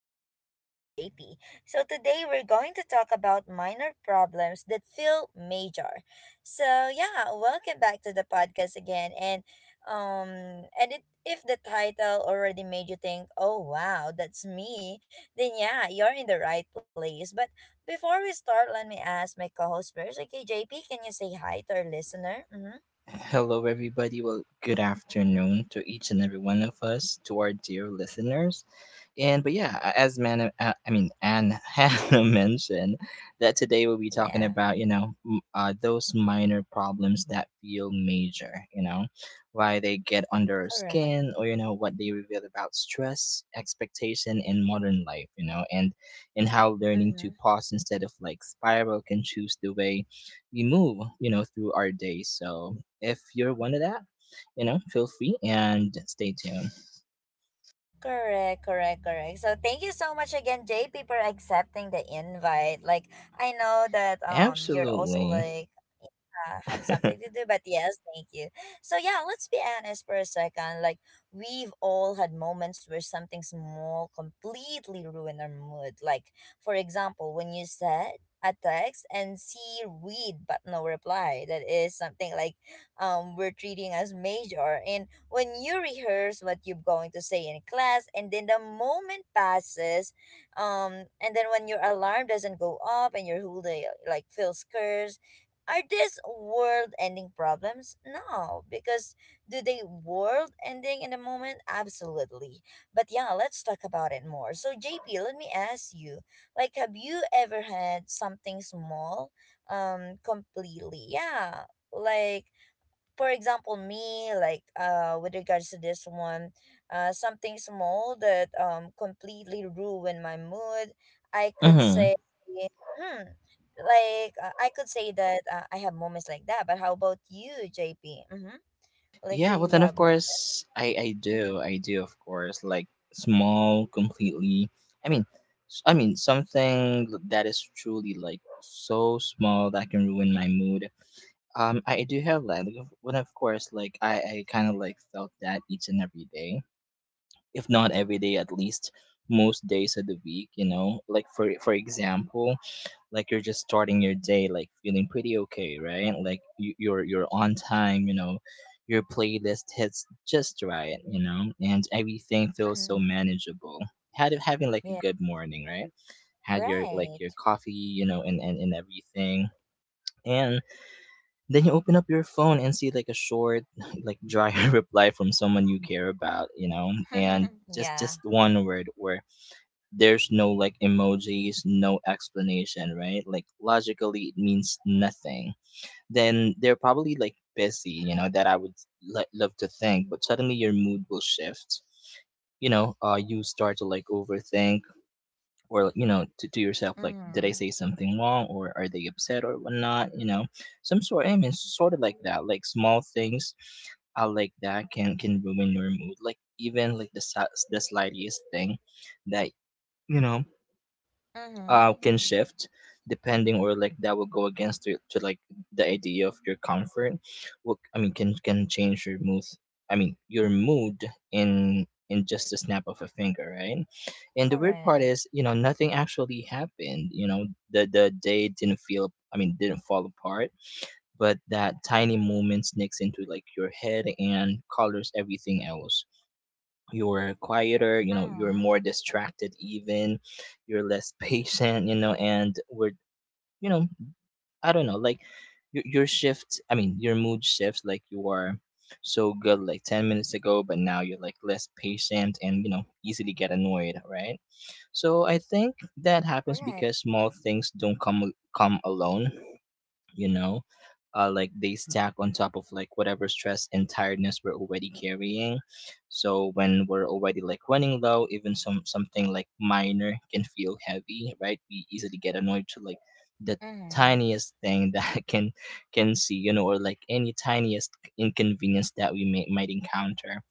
podcast with JP. So today we're going to talk about minor problems that feel major. So yeah, welcome back to the podcast again and if the title already made you think, "Oh wow, that's me," then yeah, you're in the right place. But before we start, let me ask my co-host first. Okay, JP, can you say hi to our listener? Mhm. Hello, everybody. Well, good afternoon to each and every one of us, to our dear listeners. And but yeah, I mean Anne Hannah mentioned that today we'll be talking Yeah, about those minor problems that feel major. You know, why they get under our correct. skin, or you know what they reveal about stress, expectation, and modern life. You know, and how learning to Mm-hmm. pause instead of like spiral can choose the way we move. You know, through our day. So if you're one of that, you know, feel free and stay tuned. Correct, correct, correct. So thank you so much again, JP, for accepting the invite. Like I know that you're also Absolutely. like have something to do. But yes, thank you. So yeah, let's be honest for a second. Like we've all had moments where something small completely ruined our mood. Like for example, when you said a text and see read but no reply. That is something like we're treating as major. And when you rehearse what you're going to say in class, and then the moment passes, and then when your alarm doesn't go up and your whole day like feels scared, are these world ending problems? No, because do they world ending in the moment? Absolutely. But yeah, let's talk about it more. So, JP, let me ask you, like, have you ever had something small, completely, yeah, like for example me like with regards to this one something small that completely ruined my mood, I could Mhm. say. hmm like I could say that I have moments like that, but how about you, JP? Mm-hmm. Like do Yeah, well you then of have moments? course I Mm-hmm. do. I do, of course, like small completely. I mean I mean something that is truly like so small that can ruin my mood. I do have that. Like, of- when of course like I kind of like felt that each and every day. If not every day, at least most days of the week, you know. Like for example, like you're just starting your day, like feeling pretty okay, right? Like you're on time, you know, your playlist hits just right, you know, and everything feels so Mm-hmm. manageable. Had having like a Yeah, good morning, right? Had your like your right. coffee, you know, and and everything. And then you open up your phone and see like a short, like dry reply from someone you care about, you know, and just Yeah. just one word where there's no like emojis, no explanation, right? Like logically, it means nothing. Then they're probably like busy, you know, that I would love to think, but suddenly your mood will shift. You start to like overthink or, you know, to yourself, like, did I Mm-hmm. say something wrong, or are they upset or whatnot? You know, some sort, I mean, sort of like that, like small things like that can ruin your mood. Like, even like the slightest thing that you know Mm-hmm. Can shift depending, or like that will go against to like the idea of your comfort, what I mean, can change your mood, I mean your mood, in just a snap of a finger, right? And the weird part is, Correct. you know, nothing actually happened, you know, the day didn't feel I mean didn't fall apart, but that tiny moment sneaks into like your head and colors everything else. You're quieter, you know, you're Mm-hmm. more distracted, even you're less patient, you know, and we're, you know, I don't know, like your mood shifts, like you are so good like 10 minutes ago, but now you're like less patient and you know easily get annoyed, right? So I think that happens Right. because small things don't come alone, you know, like they stack on top of like whatever stress and tiredness we're already carrying. So when we're already like running low, even something like minor can feel heavy, right? We easily get annoyed to like the Mm-hmm. tiniest thing that can see, you know, or like any tiniest inconvenience that we might encounter,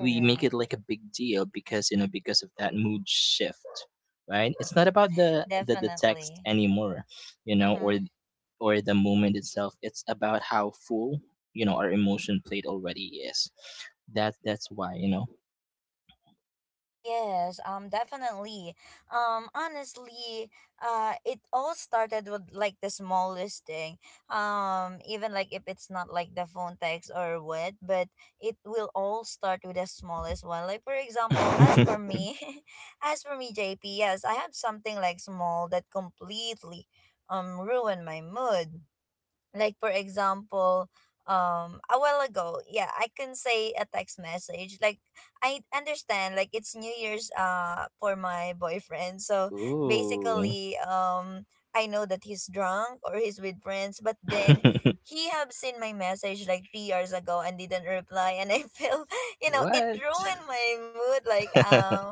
we make it like a big deal because, you know, because of that mood shift. Right, it's not about the text Definitely. anymore, you know, Mm-hmm. or the moment itself. It's about how full, you know, our emotion plate already is. That that's why, you know, Yes, definitely. Honestly, it all started with like the smallest thing. Even like if it's not like the phone text or what, but it will all start with the smallest one. Like for example, as for me, as for me, JP, yes, I have something like small that completely ruined my mood, like for example, a while ago, yeah, I can say a text message. Like I understand like it's New Year's for my boyfriend, so ooh basically, I know that he's drunk or he's with friends, but then he have seen my message like 3 years ago and didn't reply, and I feel, you know, it what ruined my mood like.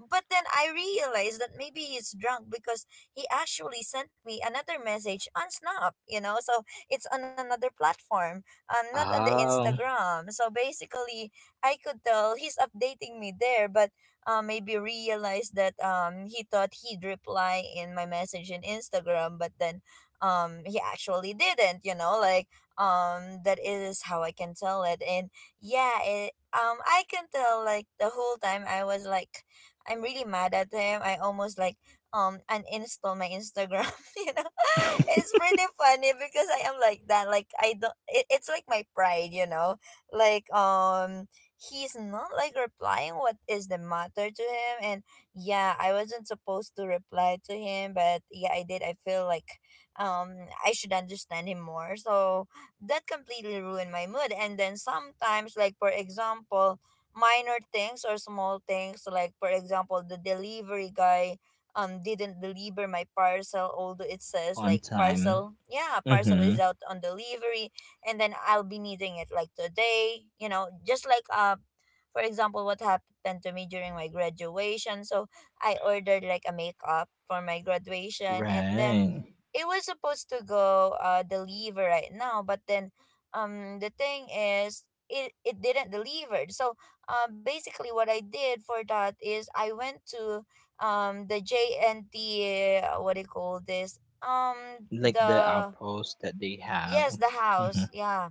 But then I realized that maybe he's drunk because he actually sent me another message on snap, you know, so it's on another platform, not on the oh Instagram. So basically, I could tell he's updating me there, but maybe realized that he thought he'd reply in my message in Instagram, but then he actually didn't, you know, like that is how I can tell it. And yeah, I can tell like the whole time I was like, I'm really mad at him. I almost like uninstall my Instagram. You know, it's pretty funny because I am like that. Like I don't. It, it's like my pride. You know, like he's not like replying what is the matter to him. And yeah, I wasn't supposed to reply to him, but yeah, I did. I feel like um I should understand him more. So that completely ruined my mood. And then sometimes like for example minor things or small things, so like for example the delivery guy didn't deliver my parcel, although it says on like time parcel, yeah, parcel is mm-hmm out on delivery. And then I'll be needing it like today, you know, just like for example what happened to me during my graduation. So I ordered like a makeup for my graduation, and then right it was supposed to go deliver right now, but then the thing is it didn't deliver. So basically what I did for that is I went to the JNT, what do you call this, like the the outpost that they have yes, the house, mm-hmm yeah,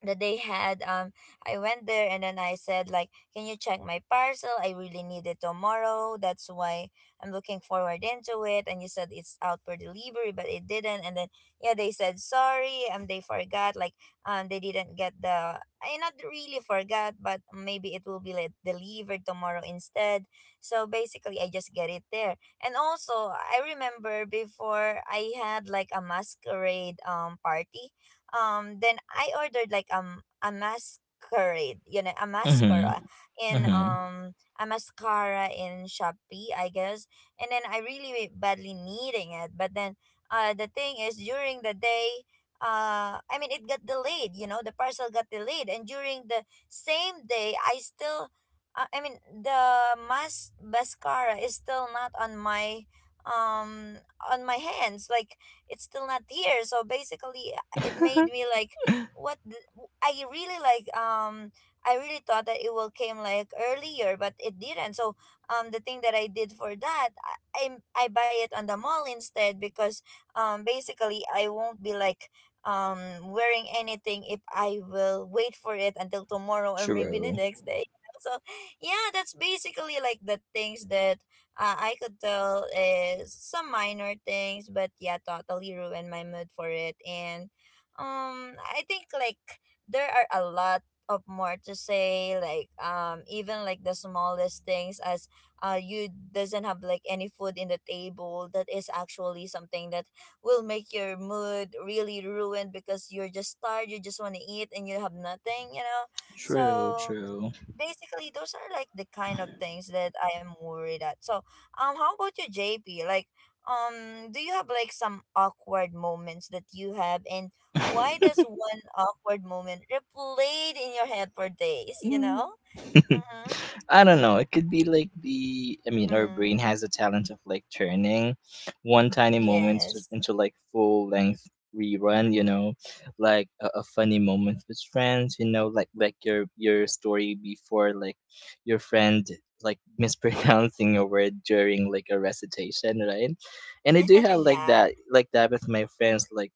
that they had. I went there and then I said like, can you check my parcel? I really need it tomorrow, that's why I'm looking forward into it, and you said it's out for delivery but it didn't. And then yeah, they said sorry, they forgot like they didn't get the, I not really forgot, but maybe it will be like delivered tomorrow instead. So basically I just get it there. And also I remember before I had like a masquerade party. Then I ordered like a masquerade, you know, mm-hmm mm-hmm a mascara in shopee, I guess. And then I really badly needing it, but then the thing is during the day, I mean, it got delayed, you know, the parcel got delayed. And during the same day I still, I mean, the mascara is still not on my um on my hands, like it's still not here. So basically it made me like, what the, I really like, I really thought that it will came like earlier but it didn't. So the thing that I did for that, I buy it on the mall instead because basically I won't be like wearing anything if I will wait for it until tomorrow or maybe the True. next day. So yeah, that's basically like the things that I could tell is some minor things, but yeah, totally ruined my mood for it. And I think like there are a lot of more to say. Like even like the smallest things, as you doesn't have like any food in the table. That is actually something that will make your mood really ruined because you're just tired. You just want to eat and you have nothing, you know. True. So True. basically those are like the kind of things that I am worried at. So, how about you, JP? Like do you have like some awkward moments that you have, and why does one awkward moment replayed in your head for days, you know? Mhm. I don't know. It could be like the. I mean, our Mm. brain has a talent of like turning one tiny moment Yes. into like full length rerun. You know, like a funny moment with friends. You know, like your story before, like your friend like mispronouncing a word during like a recitation, right? And I do have like Yeah. that, like that with my friends. Like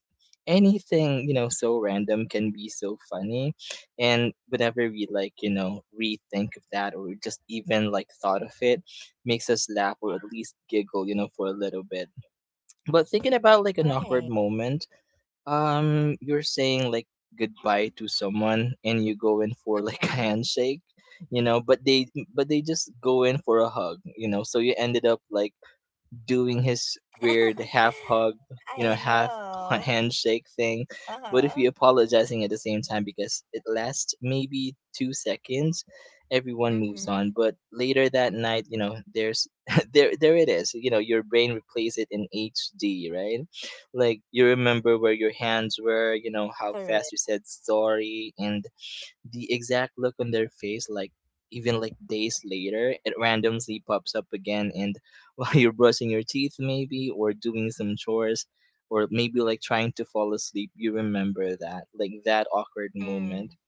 anything, you know, so random can be so funny, and whenever we like you know rethink of that or just even like thought of it, makes us laugh or at least giggle, you know, for a little bit. But thinking about like an awkward Right. moment, um, you're saying like goodbye to someone and you go in for like a Mhm. handshake, you know, but they just go in for a hug, you know, so you ended up like doing his weird half hug, you know, I half know. handshake thing, but if you Uh-huh. apologizing at the same time, because it lasts maybe 2 seconds, everyone moves Mhm. on. But later that night, you know, there's there it is. You know, your brain replays it in HD, right? Like you remember where your hands were, you know, how fast you Correct. said sorry, and the exact look on their face, like even like days later, it randomly pops up again. And while you're brushing your teeth, maybe, or doing some chores, or maybe like trying to fall asleep, you remember that, like that awkward moment. Mm.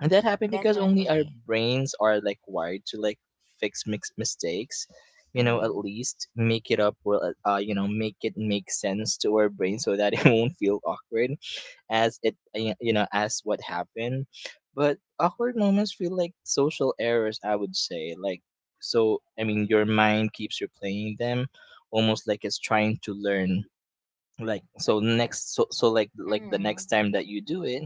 And that happened because only our Definitely. brains are like wired to like fix mix mistakes, you know, at Mhm. least make it up, or you know, make it make sense to our brain so that it won't feel awkward as it you know, as what happened. But awkward moments feel like social errors, I would say. Like, so I mean your mind keeps replaying them almost like it's trying to learn, like so next so, so like the next Mhm. time that you do it,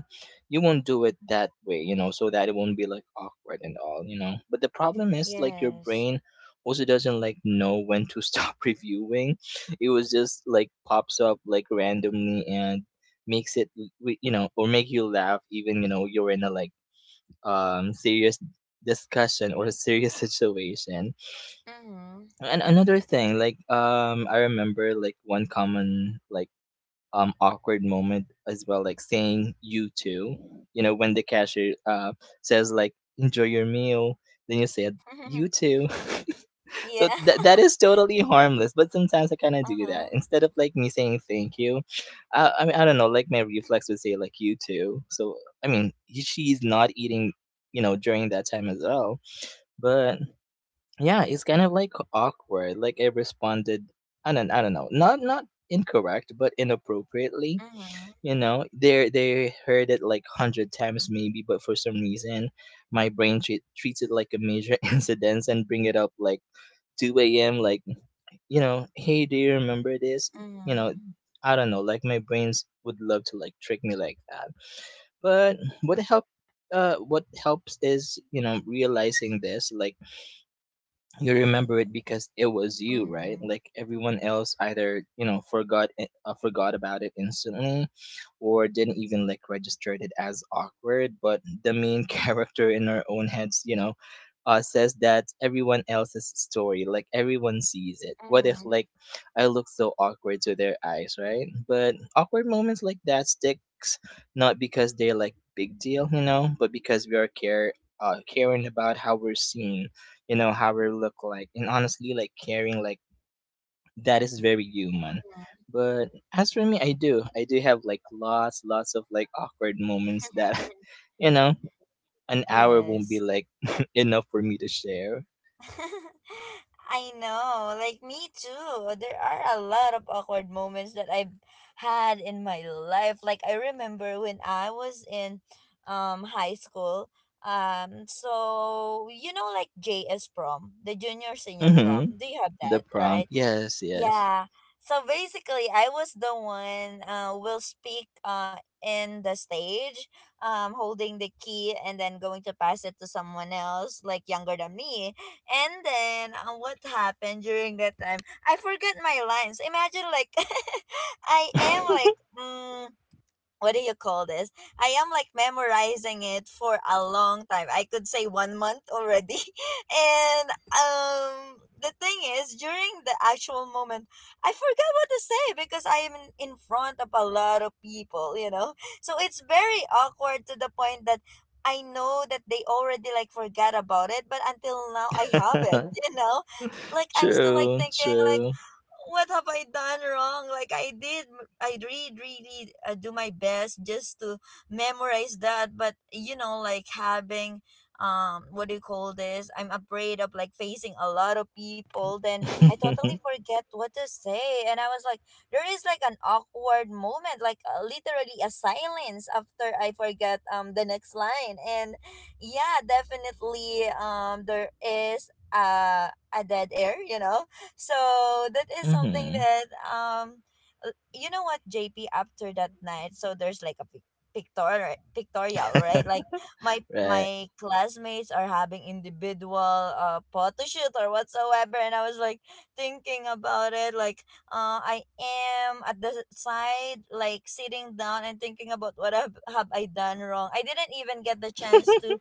you won't do it that way, you know, so that it won't be like awkward and all, you know. But the problem is like your Yes. brain also doesn't like know when to stop reviewing. It was just like pops up like randomly and makes it you know, or make you laugh even, you know, you're in a like serious discussion or a serious situation. Mhm. And another thing like, um, I remember like one common like awkward moment as well, like saying you too, you know, when the cashier says like enjoy your meal, then you said you too Yeah. so that is totally harmless, but sometimes I kind of do Uh-huh. that instead of like me saying thank you. I mean, I don't know, like my reflex would say like you too. So I mean she's not eating, you know, during that time as well. But yeah, it's kind of like awkward, like I responded, I don't know, not not incorrect but inappropriately, Mhm. you know. They heard it like 100 times maybe, but for some reason my brain treats it like a major incident and bring it up like 2 a.m, like, you know, hey, do you remember this, you Mhm. know? I don't know, like my brains would love to like trick me like that. But what help what helps is, you know, realizing this, like you remember it because it was you, right? Mhm. Like everyone else either you know forgot about it instantly, or didn't even like register it as awkward, but the main character in our own heads, you know, says that everyone else's story, like everyone sees it what if Mhm. like I look so awkward to their eyes, right? But awkward moments like that sticks not because they're like big deal, you know, but because we are care caring about how we're seen, you know, how we look like. And honestly, like caring like that is very human. But as for me, I do, have like lots of like awkward moments Mhm. that you know an hour won't Yes. be like enough for me to share. I know, like me too. There are a lot of awkward moments that I've had in my life. Like I remember when I was in high school. So you know like JS prom, the junior senior Mm-hmm. prom. Do you have The that, prom, right? yes, yes. Yeah. So basically, I was the one will speak in the stage, holding the key and then going to pass it to someone else like younger than me. And then what happened during that time? I forgot my lines. Imagine like I am like, what do you call this? I am like memorizing it for a long time. I could say one month already. And the thing is during the actual moment I forgot what to say because I am in front of a lot of people, you know? So it's very awkward to the point that I know that they already like forgot about it, but until now I have it, you know? Like I'm still like True, thinking like, true. what have I done wrong? Like I really, really do my best just to memorize that. But you know, like having, what do you call this? I'm afraid of like facing a lot of people. Then I totally forget what to say, and I was like, there is like an awkward moment, like literally a silence after I forget the next line. And yeah, definitely there is a dead air, you know. So that is something mm-hmm. that you know what, JP, after that night, so there's like a pictorial, right? Like my Right. my classmates are having individual photo shoot or whatsoever, and I was like thinking about it like I am at the side like sitting down and thinking about have I done wrong. I didn't even get the chance to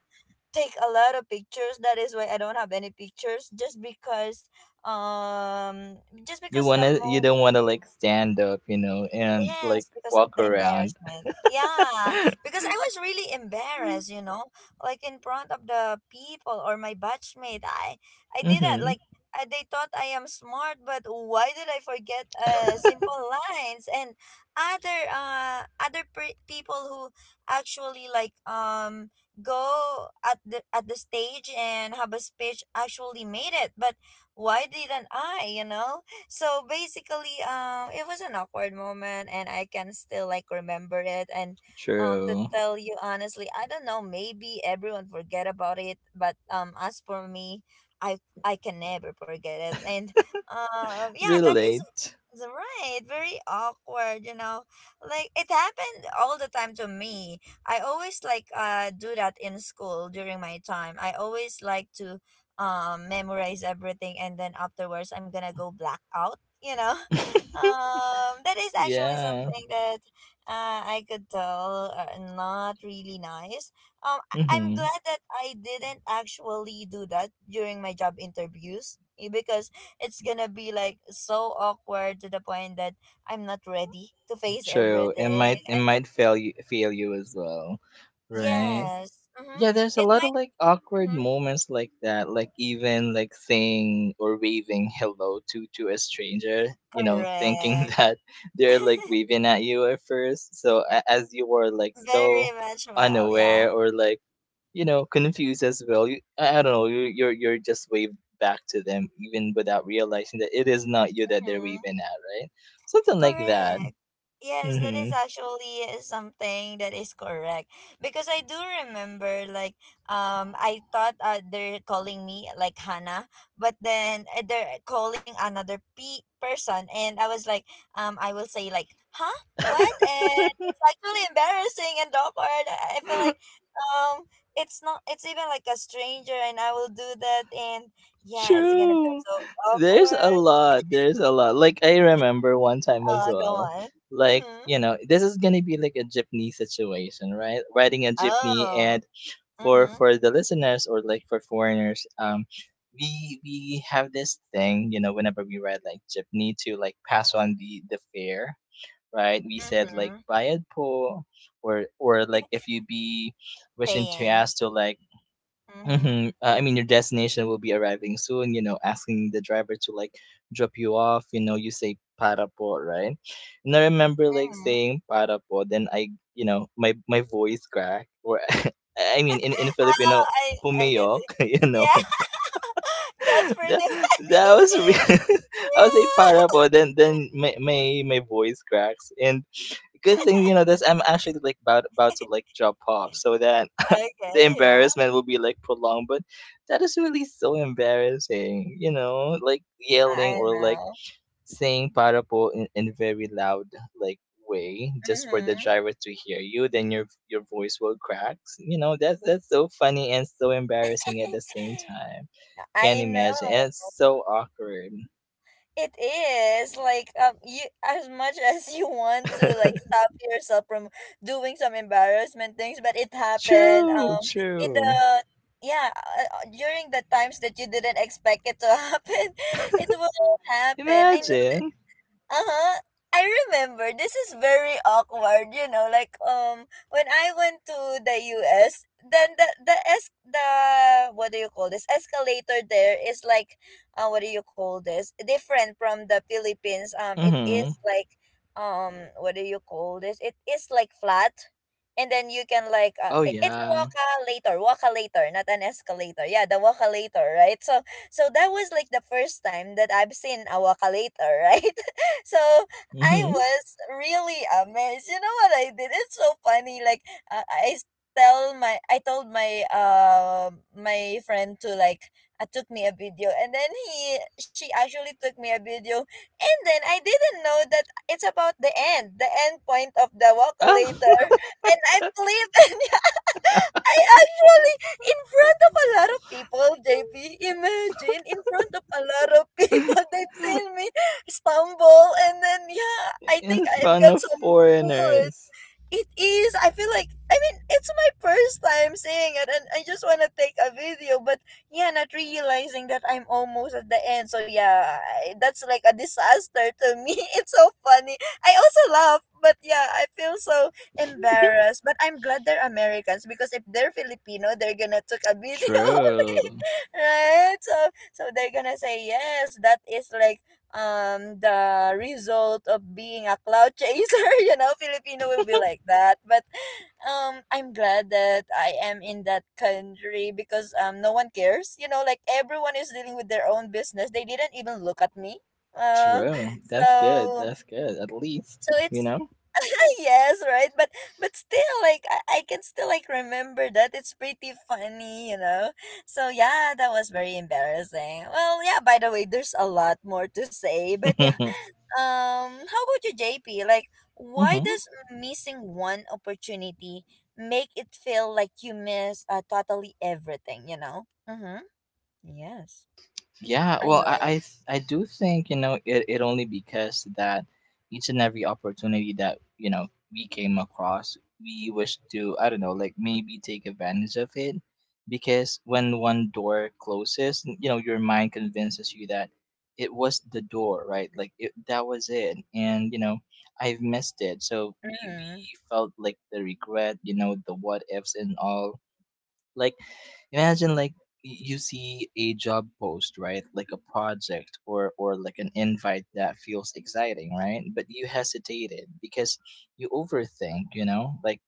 take a lot of pictures, that is why I don't have any pictures, um just You because the wanna, you mo— don't wanna like stand up, you know, and like Yes, because of walk the around. embarrassment. Yeah, because I was really embarrassed, you know, like in front of the people or my batchmate. I didn't Mm-hmm. like, I, they thought I am smart, but why did I forget simple lines, and other other people who actually like go at the stage and have a speech actually made it, but why didn't I, you know? So basically it was an awkward moment, and I can still like remember it. And to True. tell you honestly, I don't know, maybe everyone forget about it, but as for me, i I can never forget it. And Yeah, that is Relate. is right, very awkward, you know. Like it happened all the time to me. I always like do that in school. During my time, I always like to memorize everything, and then afterwards I'm gonna go black out, you know. That is actually Yeah. something that I could tell, not really nice. I'm Hmm. glad that I didn't actually do that during my job interviews, eh, because it's gonna be like so awkward to the point that I'm not ready to face True. It everything. might, it And might fail you, fail you as well, right? yes. Mm-hmm. Yeah, there's a It lot of like might. awkward Mhm. moments like that, like even like saying or waving hello to a stranger, you know, thinking Correct. that they're like waving at you at first. So as you are like so Very much, well, yeah. unaware or like you know confused as well you, I don't know you, you're just waved back to them even without realizing that it is not you that they're Hmm. waving at, right? Something like that. Correct. Yes, that is Hmm. actually something that is correct. Because I do remember, like, I thought they're calling me like Hannah, but then they're calling another p person, and I was like, I will say like, huh, what? And it's actually embarrassing and awkward. I feel like um, it's not. It's even like a stranger, and I will do that, and yeah, it's gonna feel True. so there's a awkward. lot there's a lot like I remember one time as Oh, go well, on. like Mhm. you know, this is gonna be like a jeepney situation, right? Riding a jeepney, Oh. and for Mhm. for the listeners or like for foreigners, we have this thing, you know, whenever we ride like jeepney to like pass on the fare, right? We said like Mhm. bayad po, or like if you be wishing to Paying. ask to like Mhm. Mm-hmm. I mean, your destination will be arriving soon, you know, asking the driver to like drop you off, you know, you say para po, right? And I remember like Mhm. saying para po, then I, you know, my voice cracked or I mean in Oh, Filipino I can pumiyok, see. you know. Yeah. That's pretty that, funny. that was real. I was like Yeah. para po, then my my voice cracks, and good thing you know this, I'm actually like about to like drop off, so that Okay, the yeah. embarrassment will be like prolonged. But that is really so embarrassing, you know, like Yeah, yelling I or like know. saying para po in very loud like way, just for the Mhm. driver to hear you, then your voice will crack. You know, that's so funny and so embarrassing at the same time. Can't I imagine, know. and it's so awkward. It is like, you, as much as you want to like stop yourself from doing some embarrassment things, but it happened, true in true the, yeah, during the times that you didn't expect it to happen, it will happen. I know. Imagine. Uh-huh. I remember this is very awkward, you know, like when I went to the US, then the what do you call this, escalator, there is like, what do you call this, different from the Philippines. It Mhm. is like, what do you call this, it is like flat, and then you can like, Oh it's a yeah. Walkalator, not an escalator. Yeah, the walkalator, right? So so that was like the first time that I've seen a walkalator, right? So I Mhm. was really amazed. You know what I did? It's so funny. Like, uh, I s- I told my my friend to like, took me a video, and then he she actually took me a video, and then I didn't know that it's about the end point of the walk later, Oh. and I flipped and I actually, in front of a lot of people, JP, imagine, in front of a lot of people, they've seen me stumble. And then, yeah, I In think I've front got of some wood. foreigners. It is. I feel like, I mean, it's my first time seeing it, and I just wanna take a video. But yeah, not realizing that I'm almost at the end. So yeah, I, that's like a disaster to me. It's so funny. I also laugh, but yeah, I feel so embarrassed. But I'm glad they're Americans, because if they're Filipino, they're gonna take a video of it, True. right? So so they're gonna say, yes, that is like the result of being a cloud chaser. You know, Filipino will be like that. But I'm glad that I am in that country, because no one cares, you know, like everyone is dealing with their own business, they didn't even look at me. uh True. That's good. so That's good. At least, so you it's, know. yes, right, but still like, I can still like remember that. It's pretty funny, you know. So yeah, that was very embarrassing. Well, yeah, by the way, there's a lot more to say, but yeah, how about you, JP? Like, why Mhm. does missing one opportunity make it feel like you miss, totally everything, you know? Mm-hmm. Yes. Yeah, I well, I I, know. th- I do think, you know, it only because that each and every opportunity that you know we came across, we wish to, I don't know, like maybe take advantage of it, because when one door closes, you know your mind convinces you that it was the door, right? Like that was it, and you know I've missed it, so we Mm-hmm. we felt like the regret, you know, the what ifs and all. Like imagine like you see a job post, right? Like a project or like an invite that feels exciting, right? But you hesitated because you overthink, you know? Like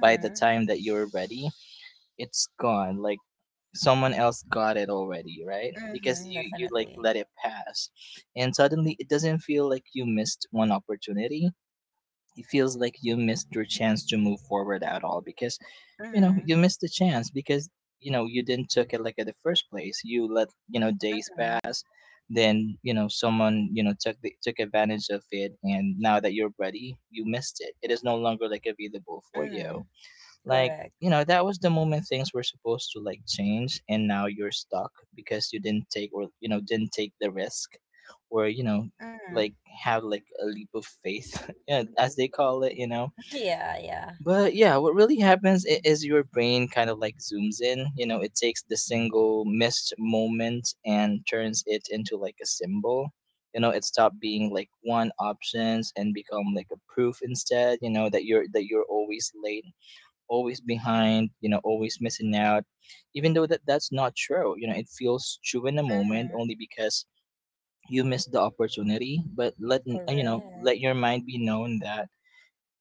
by the time that you're ready, it's gone. Like someone else got it already, right? Because Mm-hmm. you like Definitely. let it pass. And suddenly it doesn't feel like you missed one opportunity. It feels like you missed your chance to move forward at all, because you know Mm-hmm. you missed the chance because you know you didn't took it like at the first place. You let, you know, days Mm-hmm. pass, then you know someone, you know, took the, took advantage of it, and now that you're ready you missed it, it is no longer like available for Mm-hmm. you. Like, Correct. you know, that was the moment things were supposed to like change, and now you're stuck because you didn't take or, you know, didn't take the risk or, you know, Mm-hmm. like have like a leap of faith. Yeah, as they call it, you know. Yeah, yeah. But yeah, what really happens is your brain kind of like zooms in. You know, it takes the single missed moment and turns it into like a symbol. You know, it stopped being like one options and become like a proof instead. You know that you're always late, always behind. You know, always missing out, even though that that's not true. You know, it feels true in the moment Mm-hmm. only because you missed the opportunity. But let you know, let Correct. your mind be known that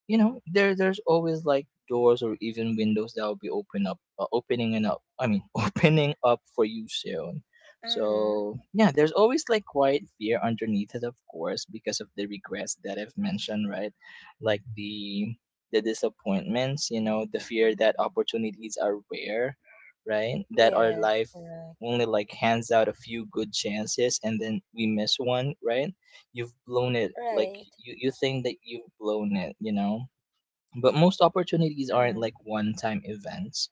you know there's always like doors or even windows that will be open up opening and up I mean opening up for you soon. Mm-hmm. So yeah, there's always like quiet fear underneath it, of course, because of the regrets that I've mentioned, right? Like the disappointments, you know, the fear that opportunities are rare, right? That our Yes, life correct. only like hands out a few good chances, and then we miss one, right? You've blown it, like Right. You think that you've blown it, you know. But most opportunities aren't Mm-hmm. like one time events.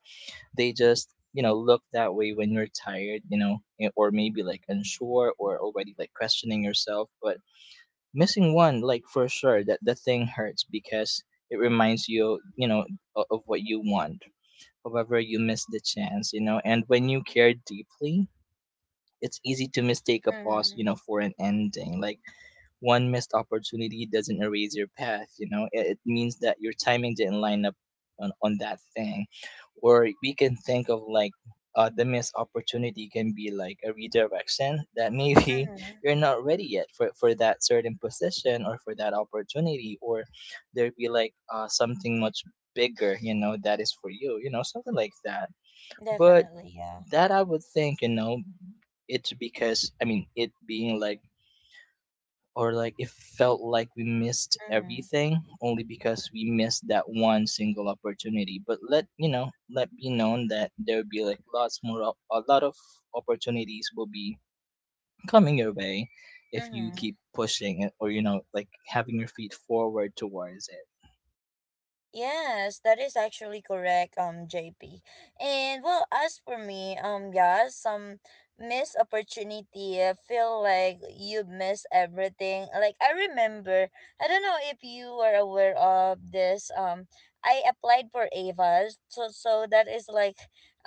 They just, you know, look that way when you're tired, you know, or maybe like unsure or already like questioning yourself. But missing one like for sure that the thing hurts because it reminds you, you know, of what you want, however you miss the chance, you know. And when you care deeply, it's easy to mistake a pause, you Mm-hmm. know, for an ending. Like one missed opportunity doesn't erase your path. You know, it means that your timing didn't line up on that thing. Or we can think of like the missed opportunity can be like a redirection, that maybe Mm-hmm. you're not ready yet for that certain position or for that opportunity, or there'd be like something much bigger, you know, that is for you, you know, something like that. But Definitely, yeah. that I would think, you know, it's because I mean it being like or like it felt like we missed Mm-hmm. everything only because we missed that one single opportunity. But let, you know, let be known that there will be like lots more a lot of opportunities will be coming your way if you Mm-hmm. keep pushing it or, you know, like having your feet forward towards it. Yes, that is actually correct, JP. And well, as for me, yeah, some missed opportunity, I feel like you miss everything. Like, I remember, I don't know if you were aware of this. I applied for Ava's, so that is like,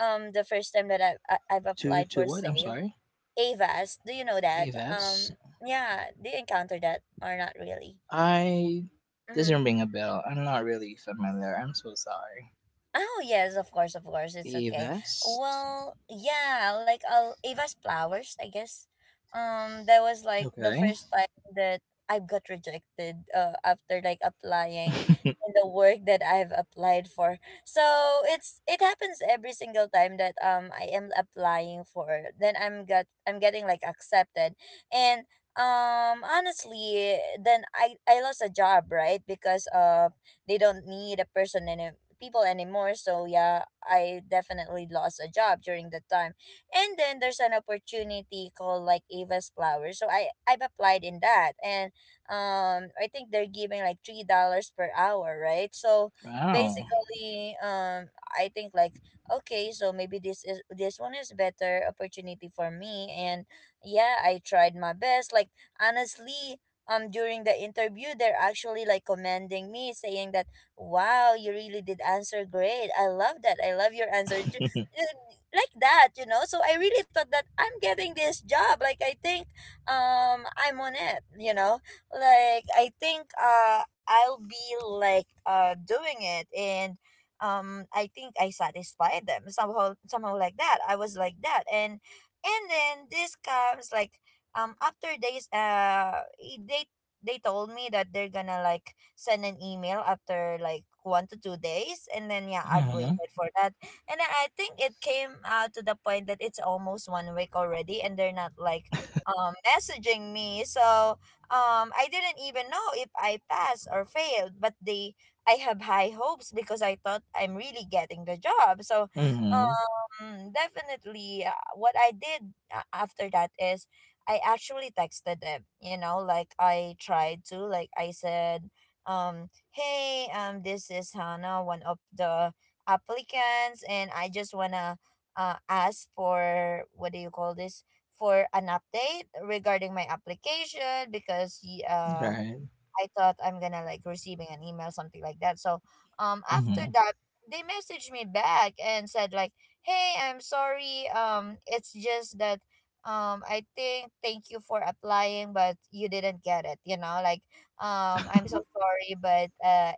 the first time that I've to applied for to what, I'm sale. sorry? Ava's, do you know that? Evs. Yeah, do you encounter that or not really? I Mm-hmm. doesn't ring a bell, I'm not really familiar, I'm so sorry. Oh yes, of course, it's okay. Evest. Well, yeah, like, Ava's Flowers, I guess. That was like the Okay. first time that I got rejected. After like applying in the work that I've applied for. So it's it happens every single time that I am applying for. Then I'm getting like accepted. And honestly, then I lost a job, right, because of they don't need people anymore. So yeah, I definitely lost a job during that time. And then there's an opportunity called like Ava's Flowers. So I I've applied in that, and I think they're giving like $3 per hour, right? So Wow. basically, I think like, okay, so maybe this one is better opportunity for me. And yeah, I tried my best. Like, honestly, during the interview they're actually like commending me, saying that, wow, you really did answer great, I love that, I love your answer. Uh, Like that, you know. So I really thought that I'm getting this job. Like, I think I'm on it, you know. Like I think I'll be like doing it. And I think I satisfied them somehow, like that. I was like that. And then this comes like, after days, they told me that they're gonna like send an email after like 1 to 2 days. And then yeah, I've Mhm. waited for that. And then I think it came, to the point that it's almost one week already, and they're not like messaging me. So I didn't even know if I passed or failed, but they I have high hopes because I thought I'm really getting the job. So Mhm. Definitely, what I did, after that is, I actually texted them, you know, like I tried to, like I said, hey, this is Hannah, one of the applicants, and I just wanna, ask for what do you call this, for an update regarding my application, because Right. I thought I'm gonna like receiving an email, something like that. So after Mhm. that, they messaged me back and said like, hey, I'm sorry, it's just that, I think thank you for applying, but you didn't get it, you know, like, I'm so sorry, uh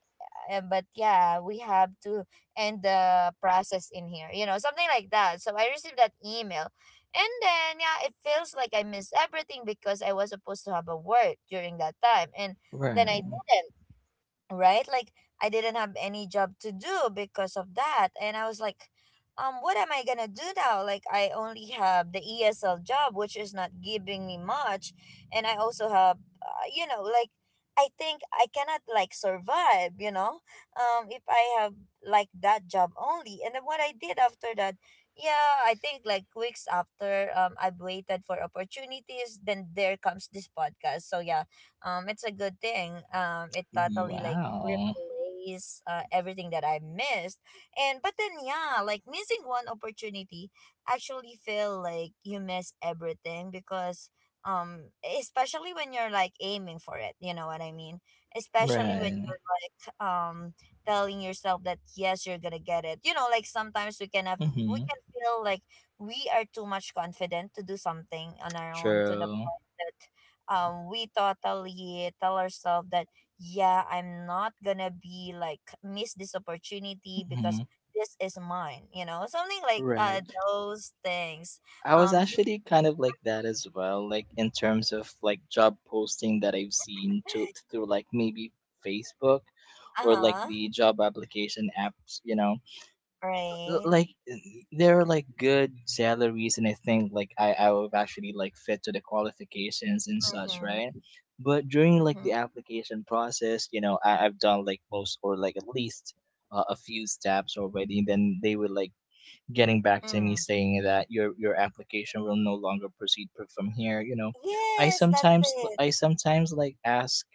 uh, but yeah, we have to end the process in here, you know, something like that. So I received that email. And then yeah, it feels like I missed everything, because I was supposed to have a work during that time. And then I Right. didn't, right? Like, I didn't have any job to do because of that. And I was like, what am I gonna do now? Like, I only have the ESL job, which is not giving me much, and I also have, you know, like, I think I cannot like survive, you know, if I have like that job only. And then what I did after that, yeah, I think like weeks after, I've waited for opportunities. Then there comes this podcast. So yeah, it's a good thing, it totally like Wow. replace, everything that I missed. And but then yeah, like missing one opportunity actually feel like you miss everything, because um especially when you're like aiming for it, you know what I mean? Especially when Right. you're like, telling yourself that yes, you're gonna get it. You know, like, sometimes we can have, we Mhm. can feel like we are too much confident to do something on our own, to the True. point that we totally tell ourselves that, yeah, I'm not gonna be like miss this opportunity, because Mhm. this is mine, you know, something like, Right. those things. I was You, actually kind of like that as well, like in terms of like job posting that I've seen to through like maybe Facebook uh or like huh, the job application apps, you know. l- right? like n- there are like good salaries, and I think like I would actually like fit to the qualifications and such, Mm-hmm, right? But during like mm-hmm, the application process, you know, I've done like most or like at least a few steps already, and then they were like getting back to me mm. saying that your application will no longer proceed from here, you know. Yes, that's it. I sometimes like ask,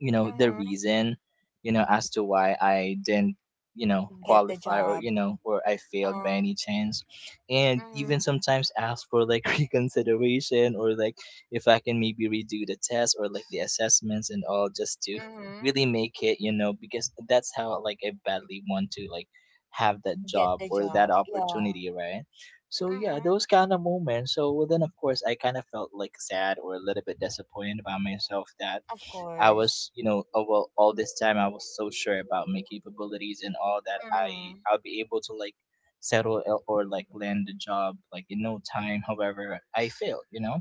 you know, the Mm-hmm. reason, you know, as to why I didn't, you know, Get the qualify or, job. you know, or I failed by Uh, any chance, and mm-hmm, even sometimes ask for like reconsideration or like if I can maybe redo the test or like the assessments and all, just to mm-hmm. really make it, you know, because that's how like I badly want to like have that Get job the or that job. Yeah. opportunity, right? So yeah, Mm-hmm. those kind of moments. So well, then of course I kind of felt like sad or a little bit disappointed about myself, that Of I course. was, you know, oh, well, all this time I was so sure about my capabilities and all, that Mm-hmm, I'll be able to like or like land a job like in no time. However, I failed. You know,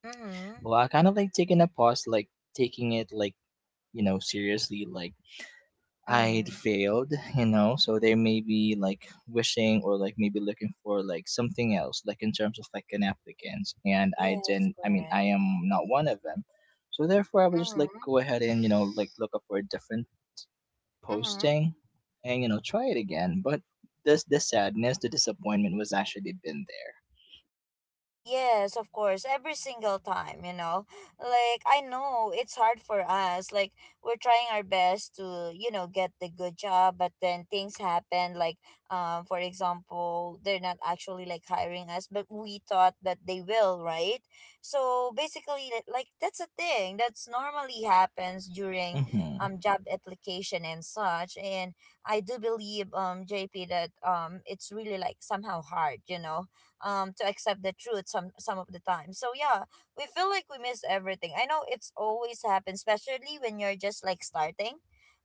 mm-hmm, well, I kind of like taking a pause, like taking it like, you know, seriously, like mm-hmm. I'd failed, you know, so they may be like wishing or like maybe looking for like something else, like in terms of like an applicant. And I Yes, didn't, I mean, correct. I am not one of them. So therefore, I would just like Mm-hmm, go ahead and, you know, like look up for a different mm-hmm. posting and, you know, try it again. But this, the sadness, the disappointment was actually been Yes, of course. Every single time, you know. Like, I know it's hard for us. Like, we're trying our best to, you know, get the good job, but then things happen. Like, for example, they're not actually like hiring us, but we thought that they will, right? So basically, that's a thing that's normally happens during there. Mm-hmm. Job application and such. And I do believe, JP, that it's really like somehow hard, you know, to accept the truth some of the time. So yeah, we feel like we miss everything. I know it's always happens, especially when you're just like starting.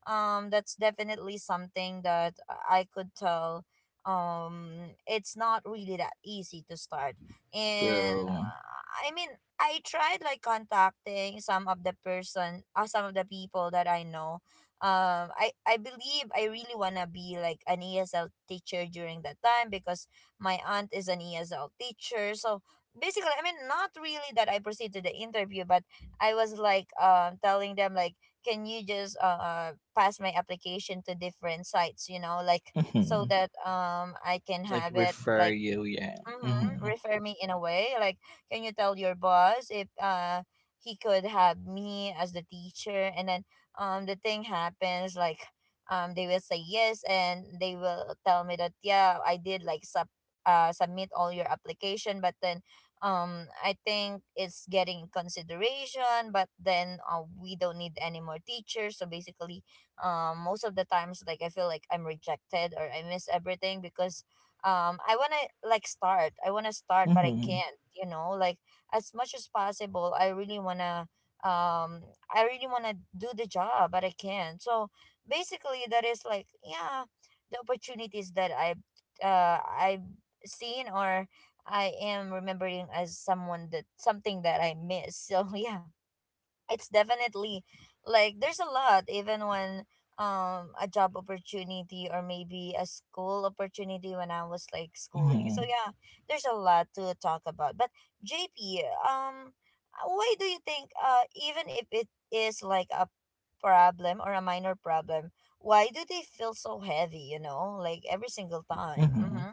That's definitely something that I could tell. It's not really that easy to start. and True. uh, i mean I tried like contacting some of the person, some of the people that I know. I believe I really want to be like an ESL teacher during that time because my aunt is an ESL teacher. So basically, I mean, not really that I proceed to the interview, but I was like, telling them, like, can you just pass my application to different sites, you know, like so Mm-hmm. that I can Like have it like refer you, yeah. mm-hmm. Mm-hmm. Refer me in a way. Like, can you tell your boss if he could have me as the teacher? And then the thing happens like they will say yes and they will tell me that yeah, I did like submit all your application, but then I think it's getting in consideration, but then, we don't need any more teachers. So basically, most of the times like I feel like I'm rejected or I miss everything because I want to like start, I want to start but I Mm-hmm. can't, you know, like as much as possible I really want to um I really want to do the job, but I can't. So basically that is like, yeah, the opportunities that I've seen, or I am remembering as someone that something that I miss. So yeah, it's definitely like there's a lot. Even when a job opportunity, or maybe a school opportunity when I was like schooling. So Mm-hmm. yeah, there's a lot to talk about. But JP, why do you think, even if it is like a problem or a minor problem, why do they feel so heavy, you know? Like every single time. Mm-hmm. Mhm.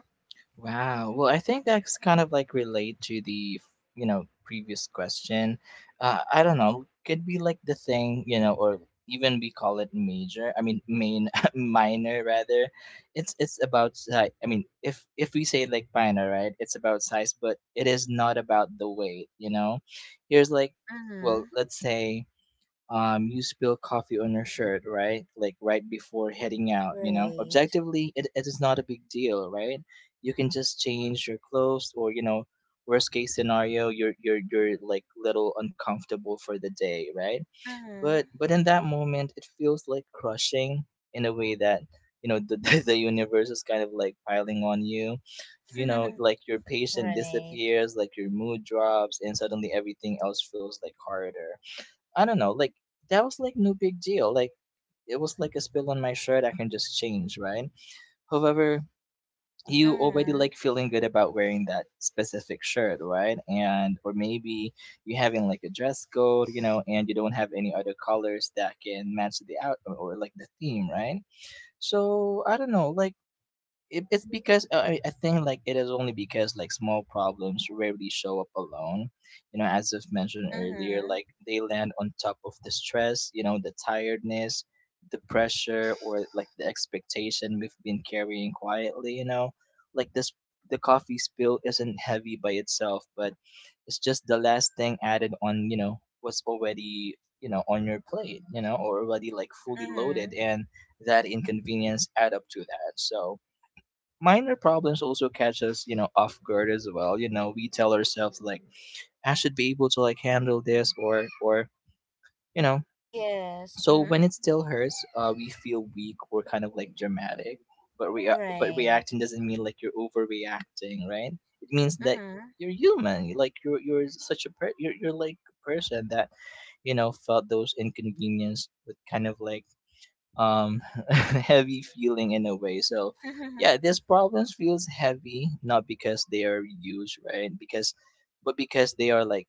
Wow. Well, I think that's kind of like relate to the, you know, previous question. I don't know. Could be like the thing, you know, or even we call it major. I mean, main minor rather. It's about size. I mean, if we say like minor, right? It's about size, but it is not about the weight. You know, here's like, Mm-hmm. well, let's say you spill coffee on your shirt, right? Like right before heading out, you know, Right. objectively it is not a big deal, right? You can just change your clothes or, you know, worst case scenario, you're like little uncomfortable for the day, right? Mm-hmm. But in that moment it feels like crushing, in a way that you know the, universe is kind of like piling on you, you know, like your patient Right. disappears, like your mood drops, and suddenly everything else feels like harder. I don't know, like that was like no big deal. Like it was like a spill on my shirt, I can just change, right? However, you already Mm-hmm. like feeling good about wearing that specific shirt, right? And or maybe you having like a dress code, you know, and you don't have any other colors that can match the out or like the theme, right? So I don't know, like it's because I think like it is only because like small problems rarely show up alone, you know, as I've mentioned earlier. Like they land on top of the stress, you know, the tiredness, the pressure, or like the expectation we've been carrying quietly, you know, like this. The coffee spill isn't heavy by itself, but it's just the last thing added on, you know, what's already, you know, on your plate, you know, or already like fully loaded, Mm-hmm. and that inconvenience add up to that. So minor problems also catch us, you know, off guard as well. You know, we tell ourselves like, I should be able to like handle this, or or you know. Yes. So Mm-hmm. when it still hurts, we feel weak or kind of like dramatic. But we are, but Right. reacting doesn't mean like you're overreacting, right? It means that Mm-hmm. you're human. Like you're such a you're like a person that, you know, felt those inconvenience with kind of like um heavy feeling in a way. So yeah, these problems feels heavy not because they are huge, right? Because, but because they are like,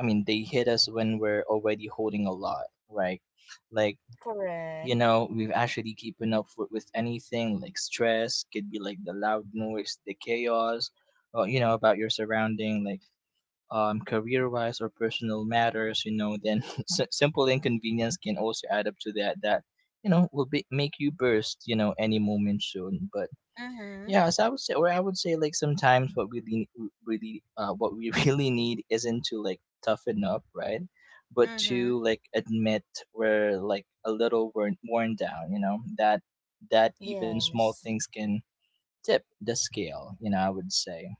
I mean, they hit us when we're already holding a lot, right? Like, you Correct. know, we've actually keeping up for, with anything. Like stress could be like the loud noise, the chaos, or you know about your surrounding. Like career wise or personal matters, you know, then simple inconvenience can also add up to that, you know, will be, make you burst, you know, any moment soon. But Mm-hmm. yeah, as I would say, or I would say, like, sometimes what we really, what we really need isn't to, like, toughen up, right? But to, Mm-hmm. like, admit we're, like, a little worn down, you know, that, that even small Yes. things can tip the scale, you know, I would say.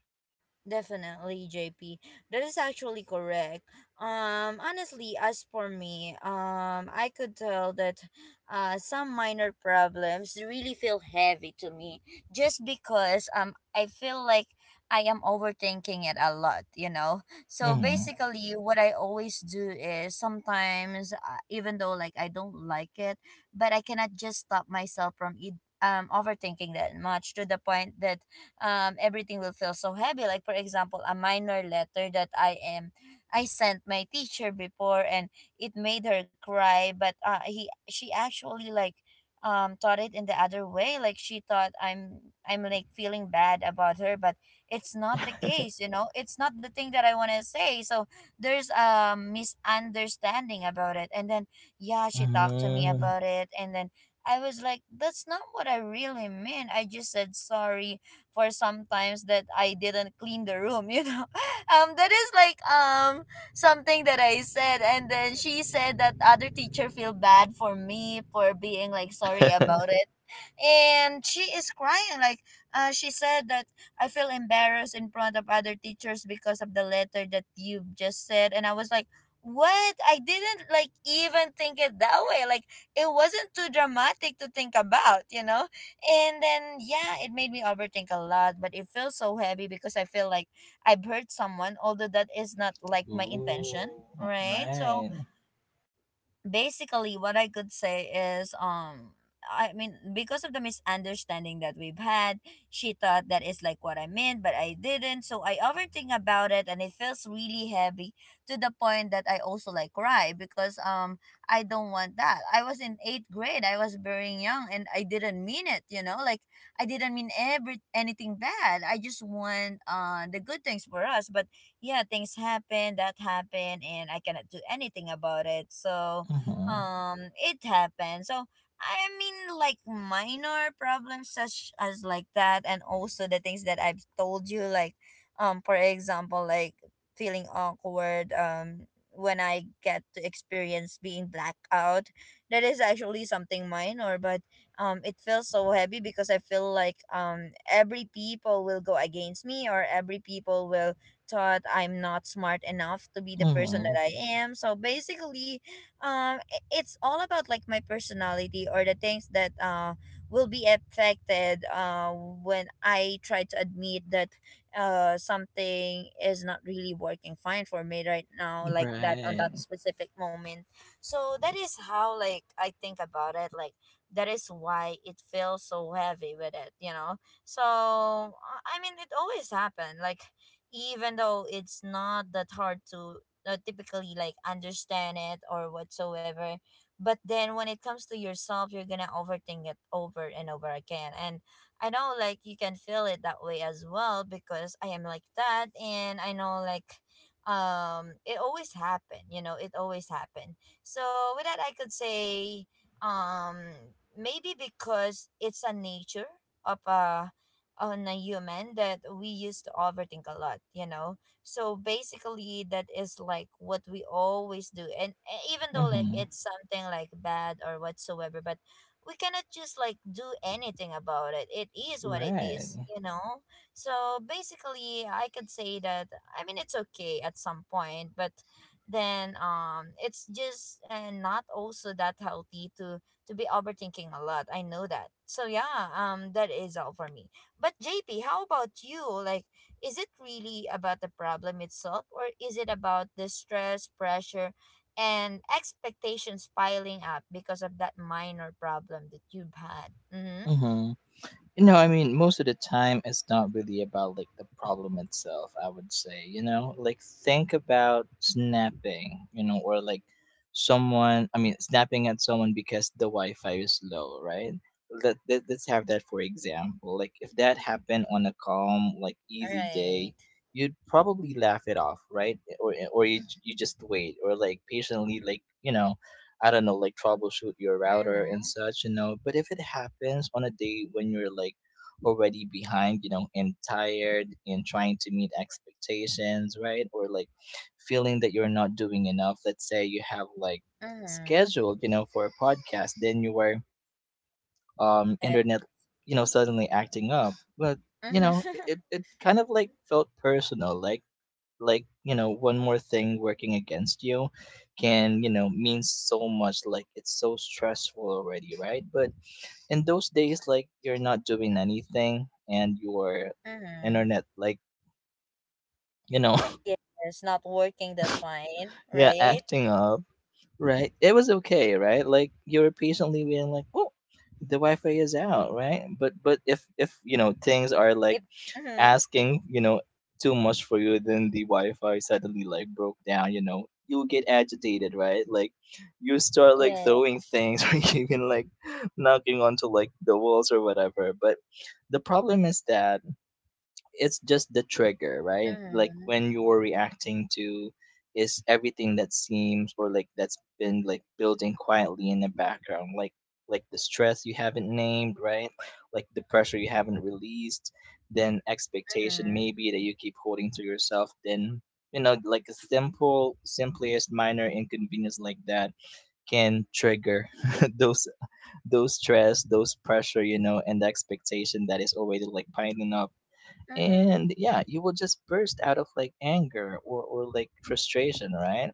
Definitely, JP. That is actually correct. Honestly, as for me, I could tell that, some minor problems really feel heavy to me just because I feel like I am overthinking it a lot, you know? So Hmm. basically, what I always do is sometimes, even though like I don't like it, but I cannot just stop myself from it. Overthinking that much to the point that, everything will feel so heavy. Like, for example, a minor letter that I am. I sent my teacher before, and it made her cry. But he she actually like thought it in the other way. Like she thought I'm like feeling bad about her, but it's not the case, you know. It's not the thing that I want to say. So there's a misunderstanding about it, and then yeah, she talked to me Hmm. about it. And then I was like, that's not what I really meant. I just said sorry for sometimes that I didn't clean the room, you know. That is like something that I said, and then she said that other teacher feel bad for me for being like sorry about it. And she is crying like, she said that I feel embarrassed in front of other teachers because of the letter that you just said. And I was like, what? I didn't like even think it that way, like it wasn't too dramatic to think about, you know. And then yeah, it made me overthink a lot, but it feels so heavy because I feel like I've hurt someone, although that is not like my intention, Ooh, right? So right. basically what I could say is, I mean, because of the misunderstanding that we've had, she thought that is like what I meant, but I didn't. So I overthink about it, and it feels really heavy to the point that I also like cry. Because I don't want that. I was in eighth grade, I was very young, and I didn't mean it, you know. Like I didn't mean every anything bad. I just want the good things for us. But yeah, things happen, that happened, and I cannot do anything about it. So Mm-hmm. It happens. So I mean, like minor problems such as like that, and also the things that I've told you, like for example, like feeling awkward when I get to experience being blackout. That is actually something minor, but it feels so heavy because I feel like every people will go against me, or every people will thought I'm not smart enough to be the person that Mm-hmm. I am. So basically um it's all about like my personality, or the things that will be affected when I try to admit that something is not really working fine for me right now, like that on Right. that specific moment. So that is how like I think about it, like that is why it feels so heavy with it, you know. So I mean it always happened, like even though it's not that hard to, typically like understand it or whatsoever. But then when it comes to yourself, you're gonna overthink it over and over again. And I know like you can feel it that way as well, because I am like that. And I know like it always happened, you know, it always happened. So with that I could say um maybe because it's a nature of a, on a human, that we used to overthink a lot, you know. So basically that is like what we always do. And even though like Mm-hmm. it's something like bad or whatsoever, but we cannot just like do anything about it. It is what it is, Right. you know. So basically I could say that, I mean, it's okay at some point. But then it's just not also that healthy to be overthinking a lot. I know that. So yeah, that is all for me. But JP, how about you? Like is it really about the problem itself, or is it about the stress, pressure, and expectations piling up because of that minor problem that you've had? Mm-hmm. Mm-hmm. No, I mean, most of the time, it's not really about like the problem itself, I would say. You know, like think about snapping, you know, or like someone, I mean, snapping at someone because the Wi Fi is low, right? Let's have that for example. Like, if that happened on a calm, like easy day, Right. you'd probably laugh it off, right? Or you just wait, or like patiently, like, you know, I don't know, like troubleshoot your router and Mm-hmm. such, you know. But if it happens on a day when you're like already behind, you know, and tired and trying to meet expectations, right? Or like feeling that you're not doing enough. Let's say you have like Mm-hmm. scheduled, you know, for a podcast, then you were Yeah. internet, you know, suddenly acting up. But you know, Mm-hmm. It kind of like felt personal. Like you know one more thing working against you can, you know, mean so much. Like it's so stressful already, right? But in those days, like you're not doing anything and your Mm-hmm. internet like, you know, Yes, not working that fine, yeah right? acting up, right? It was okay, right? Like you were patiently being like, oh, the wi-fi is out, right? But but if you know things are like If mm-hmm. asking, you know, too much for you, then the Wi-Fi suddenly like broke down. You know, you get agitated, right? Like you start like Yeah. throwing things or even like knocking onto like the walls or whatever. But the problem is that it's just the trigger, right? Like Mm-hmm. when you're reacting to is everything that seems or like that's been like building quietly in the background, like the stress you haven't named, right? Like the pressure you haven't released, then expectation Mm-hmm. maybe that you keep holding to yourself, then, you know, like a simple, simplest minor inconvenience like that can trigger those those stress, those pressure, you know, and the expectation that is already like piling up. Mm-hmm. And yeah, you will just burst out of like anger, or like frustration, right?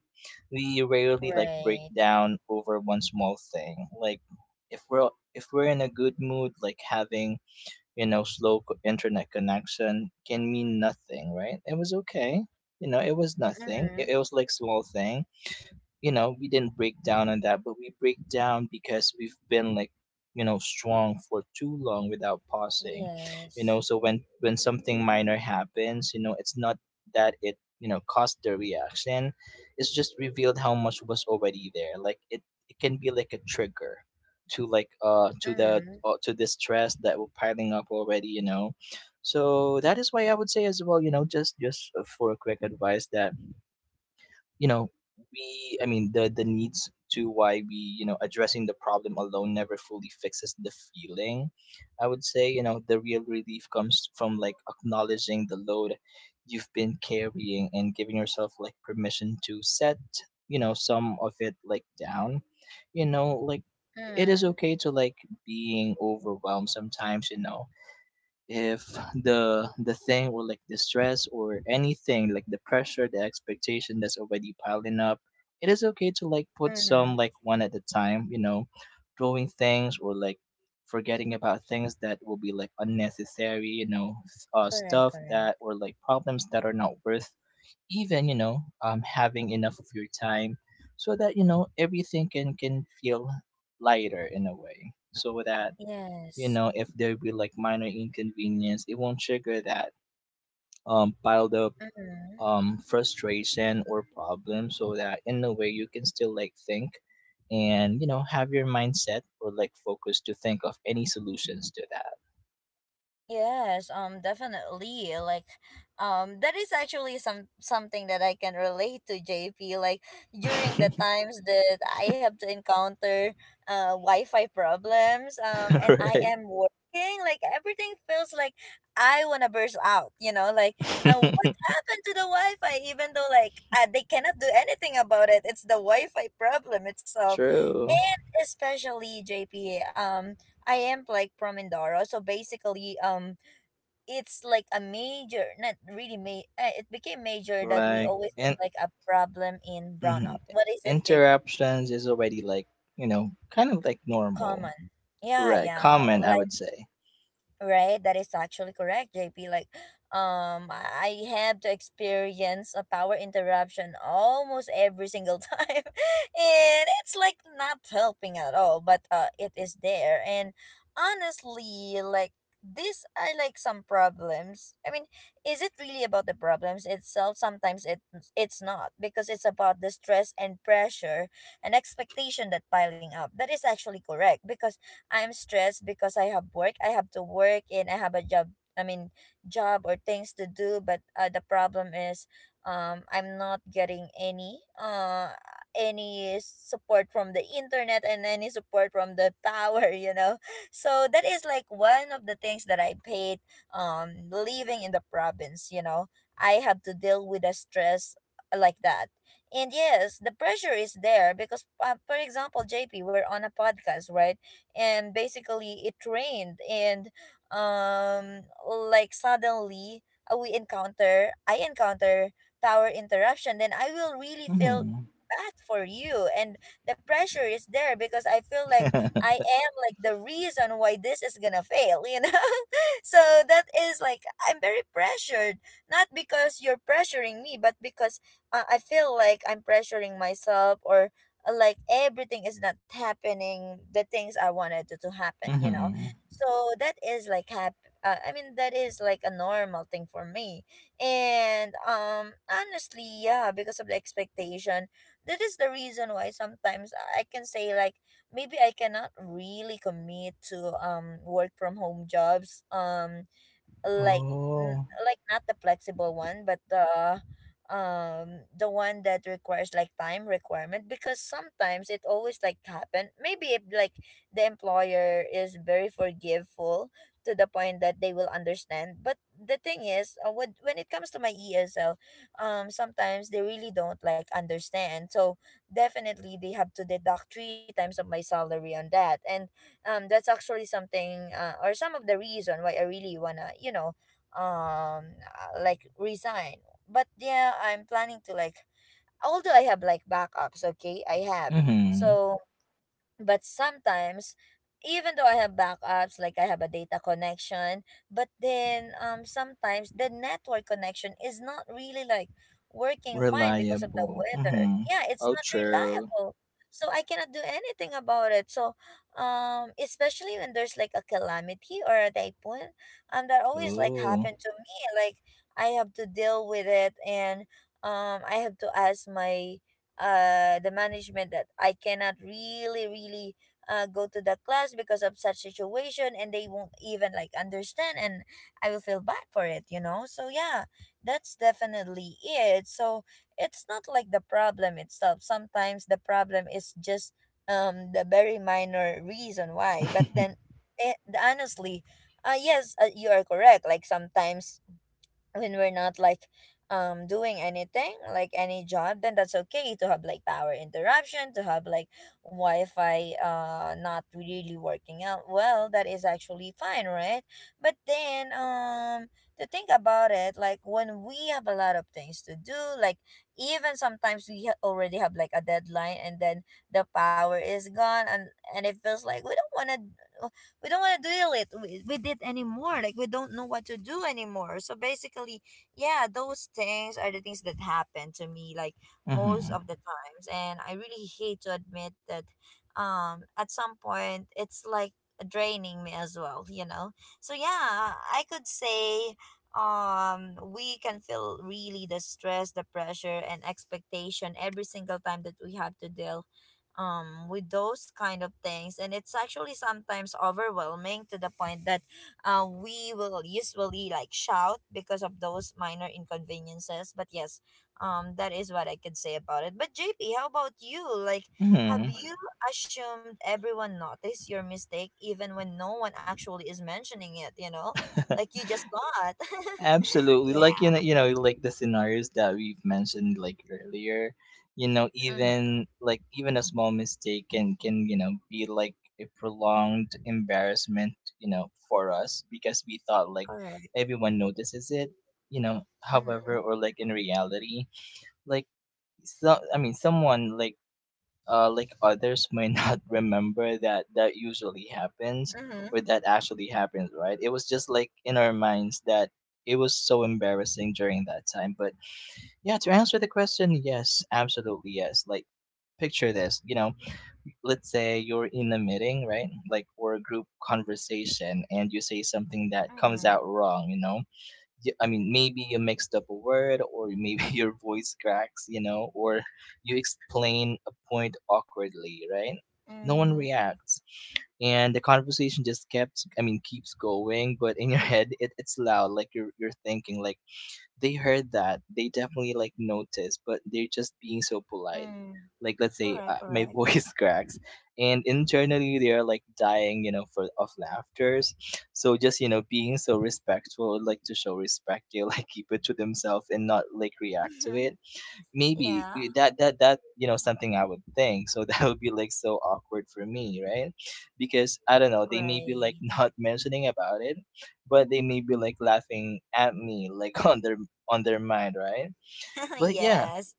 We rarely like break Right. down over one small thing. Like if we're, if we're in a good mood, like having, you know, slow internet connection can mean nothing, right? It was okay, you know, it was nothing. Mm-hmm. It was like small thing, you know, we didn't break down on that, but we break down because we've been like, you know, strong for too long without pausing. You Yes. know, so when something minor happens, you know, it's not that it, you know, caused the reaction. It's just revealed how much was already there. Like it can be like a trigger to like Mm-hmm. To the stress that we're piling up already, you know. So that is why I would say as well, you know, just for a quick advice that, you know, we I mean the needs to why we, you know, addressing the problem alone never fully fixes the feeling, I would say. You know, the real relief comes from like acknowledging the load you've been carrying and giving yourself like permission to set, you know, some of it like down, you know, like it is Mm-hmm. okay to like being overwhelmed sometimes, you know. If the thing or like the stress or anything, like the pressure, the expectation that's already piling up, it is okay to like put Mm-hmm. some like one at a time, you know, throwing things or like forgetting about things that will be like unnecessary, you know, Correct, stuff correct. that or like problems that are not worth even, you know, having enough of your time, so that, you know, everything can feel lighter in a way, so that, you Yes. know, if there be like minor inconvenience, it won't trigger that piled up Mm-hmm. Frustration or problem, so that in a way you can still like think and, you know, have your mindset or like focus to think of any solutions to Yes, definitely. Like that is actually something that I can relate to, JP. Like during the that. times that I have to encounter Wi-Fi problems, and I Right. am working, like everything feels like I want to burst out, you know. Like, what happened to the Wi-Fi, even though like, they cannot do anything about it. It's the Wi-Fi problem itself. True. And especially JP, I am like from Mindoro. So basically, it's like a major, not really it became major that we Like always have and like a problem in mhm. brownout. What is it, JP? Interruptions is already like, you know, kind of like normal, Common. Yeah, right? yeah. Common, I Like would say. right, that is actually correct, JP. Like, I have to experience a power interruption almost every single time, and it's like not helping at all. But it is there. And honestly, like these are like some problems. I mean, is it really about the problems itself? Sometimes it, it's not, because it's about the stress and pressure and expectation that piling up. That is actually correct, because I'm stressed because I have work. I have to work and I have a job. I mean, job or things to do. But the problem is, I'm not getting any support from the internet and any support from the tower. You know, so that is like one of the things that I paid. Living in the province, you know, I have to deal with the stress like that. And yes, the pressure is there because, for example, JP, we're on a podcast, right? And basically it rained and like suddenly we encounter I encounter power interruption, then I will really feel Hmm. bad for you. And the pressure is there because I feel like I am like the reason why this is gonna fail. So that is like I'm very pressured, not because you're pressuring me, but because I feel like I'm pressuring myself. Or like everything is not happening, the things I wanted to happen. Hmm. So that is like I mean, that is like a normal thing for me. And honestly, yeah, because of the expectation, that is the reason why sometimes I can say like maybe I cannot really commit to work from home jobs. Like n- Oh. like not the flexible one, but the one that requires like time requirement. Because sometimes it always like happen, maybe if like the employer is very forgiveful to the point that they will understand. But the thing is, when, it comes to my ESL, sometimes they really don't like understand, so definitely they have to deduct three times of my salary on that. And that's actually something, or some of the reason why I really wanna like resign. But yeah, I'm planning to like, although I have like backups. Okay, I have, Mhm. so. But sometimes, even though I have backups like I have a data connection, but then sometimes the network connection is not really like working fine because of the Reliable. weather. Mhm. Yeah, it's Oh, not true. reliable, so I cannot do anything about it. So especially when there's like a calamity or a typhoon, that always like Ooh. happened to me. Like I have to deal with it. And I have to ask my the management that I cannot really, really go to the class because of such situation, and they won't even like understand, and I will feel bad for it, you know. So yeah, that's definitely it. So it's not like the problem itself. Sometimes the problem is just the very minor reason why. But then eh, honestly, yes, you are correct. Like sometimes when we're not like doing anything like any job, then that's okay to have like power interruption, to have like wi-fi not really working out well. That is actually fine, right? But then to think about it, like when we have a lot of things to do, like even sometimes we already have like a deadline, and then the power is gone, and it feels like we don't want to, we don't want to deal it with it anymore. Like we don't know what to do anymore. So basically, yeah, those things are the things that happen to me, like most Mhm. of the times, and I really hate to admit that at some point it's like draining me as well, you know. So yeah, I could say we can feel really the stress, the pressure and expectation every single time that we have to deal with those kind of things, and it's actually sometimes overwhelming to the point that we will usually like shout because of those minor inconveniences. But yes, that is what I can say about it. But JP, how about you? Like have Mhm. you assumed everyone noticed your mistake even when no one actually is mentioning it? Like you just thought. Absolutely. Yeah. Like you know, like the scenarios that we've mentioned like earlier, you know, Mm-hmm. even like even a small mistake can, you know, be like a prolonged embarrassment, you know, for us because we thought like Correct. everyone notices it, you know, Mm-hmm. however, or like in reality, like, so I mean someone like, like others might not remember that that usually happens or Mm-hmm. that actually happens, right? It was just like in our minds that it was so embarrassing during that time. But yeah, to answer the question, yes, absolutely yes. Like, picture this, you know, let's say you're in a meeting, right? Like, or a group conversation, and you say something that comes Mm-hmm. out wrong, you know? I mean, maybe you mixed up a word, or maybe your voice cracks, you know, or you explain a point awkwardly, right? No one Mm-hmm. reacts. And the conversation just kept, I mean, keeps going, but in your head, it's loud. Like you're thinking, like, they heard that, they definitely like noticed, but they're just being so polite. Mm. Like let's say Correct, my correct. voice cracks and internally they are like dying, you know, for of laughters. So just, you know, being so respectful, like to show respect they like keep it to themselves and not like react to Mhm. it. Maybe Yeah, that, you know, something I would think. So that would be like so awkward for me, right? Because I don't know, they may be like right. not mentioning about it, but they may be like laughing at me like on their mind, right? But yeah, Yes.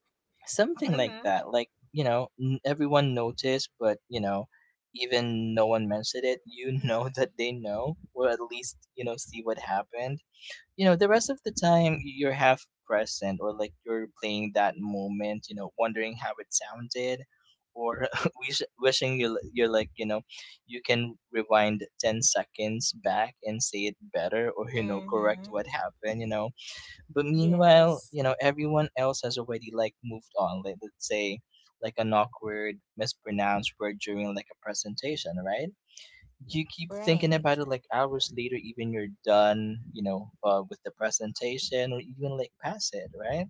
something like Mm-hmm. that. Like, you know, everyone noticed, but, you know, even no one mentioned it, you know, that they know, or at least, you know, see what happened. You know, the rest of the time you're half present or like you're playing that moment, you know, wondering how it sounded, or wishing you, you're like, you know, you can rewind 10 seconds back and say it better, or, you know, correct Mm-hmm. what happened, you know. But meanwhile, you Yes. know, everyone else has already like moved on. Like let's say like an awkward mispronounced word during like a presentation, right? You keep thinking Right. about it like hours later, even you're done, you know, with the presentation or even like past it, right?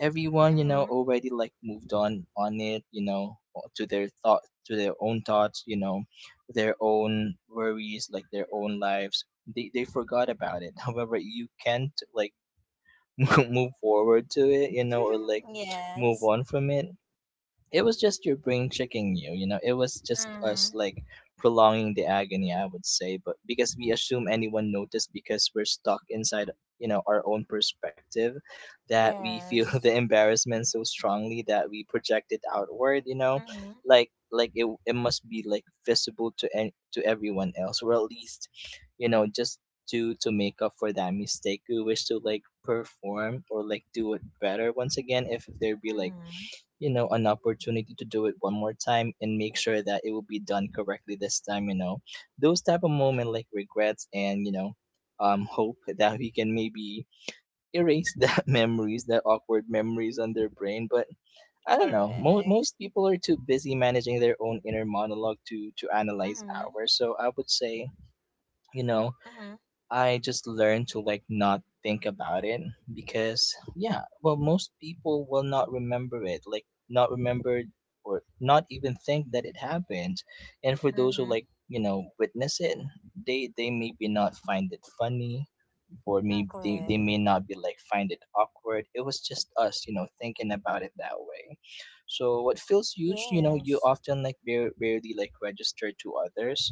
Everyone, you know, Mm-hmm. already like moved on it, you know, to their thought, to their own thoughts, you know, their own worries, like their own lives, they forgot about it. However, you can't like move forward to it, you know, or like move Yes. on from it. It was just your brain tricking you, you know. It was just us Mm-hmm. like prolonging the agony, I would say, but because we assume anyone noticed because we're stuck inside, you know, our own perspective that we feel the Yes. embarrassment so strongly that we project it outward, Mm-hmm. Like it must be like visible to to everyone else, or at least, just to make up for that mistake. We wish to like perform or like do it better once again if there be like, Mm-hmm. you know, an opportunity to do it one more time and make sure that it will be done correctly this time, those type of moment like regrets. And hope that we can maybe erase that memories, that awkward memories on their brain. But I don't know, Correct. most people are too busy managing their own inner monologue to analyze Mm-hmm. ours, so I would say, you know Mm-hmm. I just learned to like not think about it, because yeah, well, most people will not remember it, like not remember or not even think that it happened. And for those Mm-hmm. who like, you know, witness it, they maybe not find it funny, or Mm, maybe they correct. may not be like find it awkward. It was just us, you know, thinking about it that way. So what feels huge, you know, you Yes. often like barely like register to others,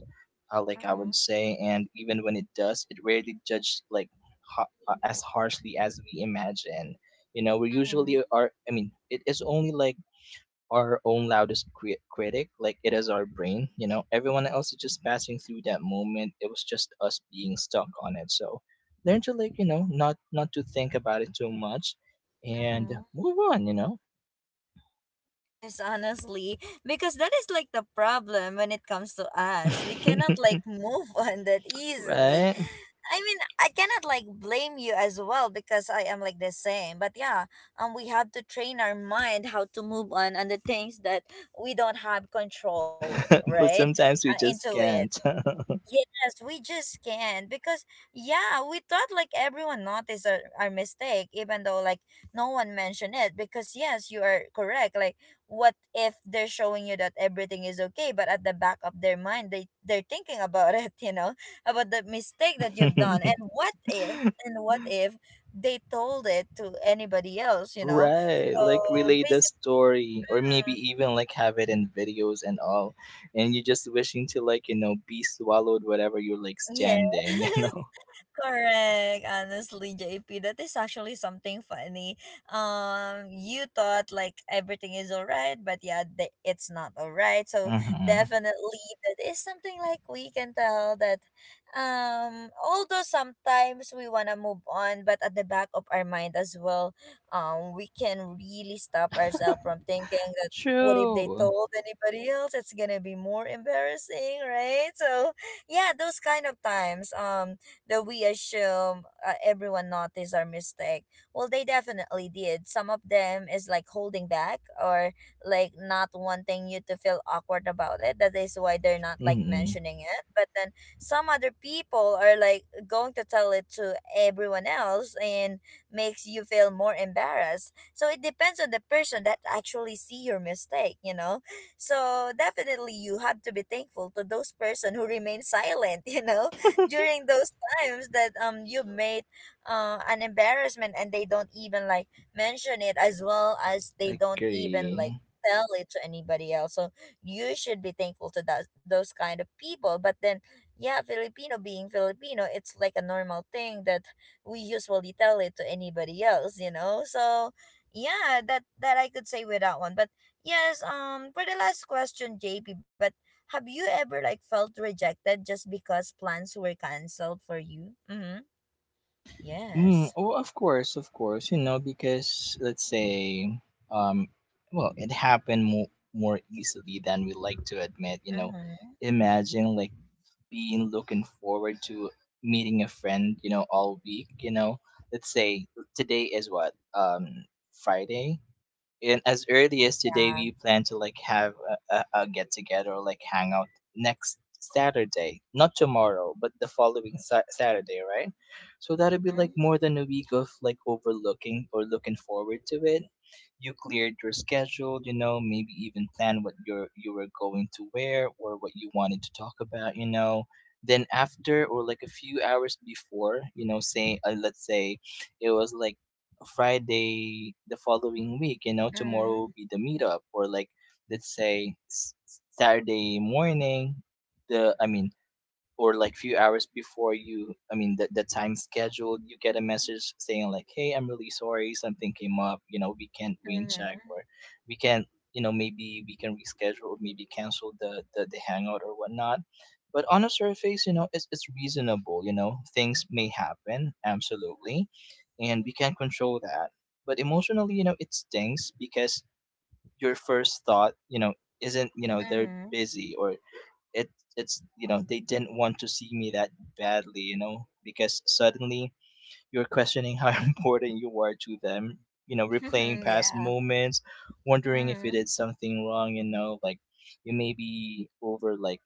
like I Mm-hmm. would say. And even when it does, it rarely judges like as harshly as we imagine. You know, we Mm-hmm. usually are. I mean, it is only like our own loudest critic. Like it is our brain. You know, everyone else is just passing through that moment. It was just us being stuck on it. So learn to like, you know, not to think about it too much, and Mm-hmm. move on. You know. Yes, honestly, because that is like the problem when it comes to us. We cannot like move on that easily. Right? I mean, I cannot like blame you as well because I am like the same. But yeah, we have to train our mind how to move on the things that we don't have control, right? But sometimes we Into just it. can't. Yes, we just can't, because yeah, we thought like everyone noticed our mistake, even though like no one mentioned it. Because yes, you are correct. Like, what if they're showing you that everything is okay, but at the back of their mind, they're thinking about it, you know, about the mistake that you've done. And what if, and what if they told it to anybody else, you know? Right, like So relay the basically, story, or maybe mm, even like have it in videos and all, and you're just wishing to like, you know, be swallowed whatever you're like yeah. standing, you know. Correct. Honestly, JP, that is actually something funny. You thought like everything is alright, but yeah, the, it's not alright. So Mm-hmm. definitely, that is something like we can tell that. Although sometimes we wanna move on, but at the back of our mind as well, we can really stop ourselves from thinking that what if they True. told anybody else? It's gonna be more embarrassing, right? So yeah, those kind of times. That we assume everyone noticed our mistake. Well, they definitely did. Some of them is like holding back or like not wanting you to feel awkward about it. That is why they're not like Mm-hmm. mentioning it. But then some other people are like going to tell it to everyone else and makes you feel more embarrassed. So it depends on the person that actually see your mistake, you know. So definitely you have to be thankful to those person who remain silent, you know, during those times that you made an embarrassment, and they don't even like mention it, as well as they don't even Agree. like tell it to anybody else. So you should be thankful to that those kind of people. But then yeah, Filipino being Filipino, it's like a normal thing that we usually tell it to anybody else, you know. So yeah, that that I could say with that one. But yes, for the last question, JP, but have you ever like felt rejected just because plans were canceled for you? Mm-hmm. Mm, Yes. oh, of course, you know, because let's say, um, well, it happened more more easily than we like to admit, you know. Mm-hmm. Imagine like been looking forward to meeting a friend, you know, all week, you know. Let's say today is what? Um, Friday. And as early as today Yeah. we plan to like have a get together, or like hang out next Saturday, not tomorrow but the following Saturday, right? So that'll be Mm-hmm. like more than a week of like overlooking or looking forward to it. You cleared your schedule, you know, maybe even plan what you were going to wear or what you wanted to talk about, you know. Then after or like a few hours before, you know, say, let's say it was like Friday the following week. You know, tomorrow Mm-hmm. will be the meetup, or like let's say Saturday morning. The I mean Or like few hours before you, I mean the time scheduled, you get a message saying like, hey, I'm really sorry, something came up, you know, we can't rain check, Mm-hmm. or we can't, you know, maybe we can reschedule or maybe cancel the hangout or whatnot. But on a surface, you know, it's reasonable, you know. Things may happen, absolutely, and we can't control that. But emotionally, you know, it stings because your first thought, you know, isn't, you know, they're Mm-hmm. busy, or it it's, you know, they didn't want to see me that badly, you know, because suddenly you're questioning how important you are to them, you know, replaying past Yeah. moments, wondering if you Mm-hmm. did something wrong, you know. Like you may be over like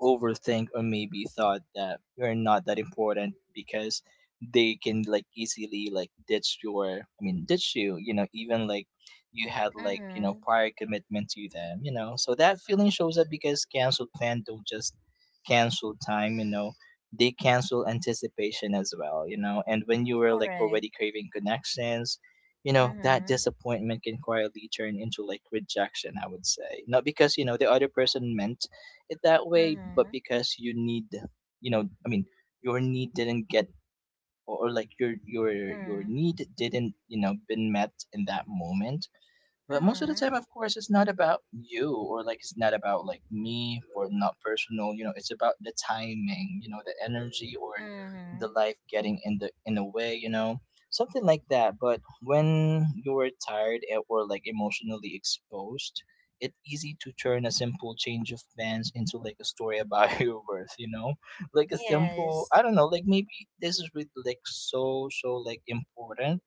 overthink, or maybe thought that you're not that important because they can like easily like ditch you, you know, even like you had like, you know, Mm-hmm. prior commitment to them, you know. So that feeling shows up because cancel plan don't just cancel time, you know. They cancel anticipation as well, you know. And when you were like Correct. already craving connections, you know, that Mm-hmm. disappointment can quietly turn into like rejection, I would say, not because you know the other person meant it that way, but Mm-hmm. because you need, you know, I mean, your need didn't get, like your Mm-hmm. need didn't, you know, been met in that moment. But most of the time, Mm-hmm. of course, it's not about you, or like it's not about like me, or not personal. You know, it's about the timing. You know, the energy, or the Mm-hmm. life getting in the way. You know, something like that. But when you're tired or like emotionally exposed, it's easy to turn a simple change of plans into like a story about your worth. You know, like a simple, I Yes. don't know. Like maybe this is really like so so like important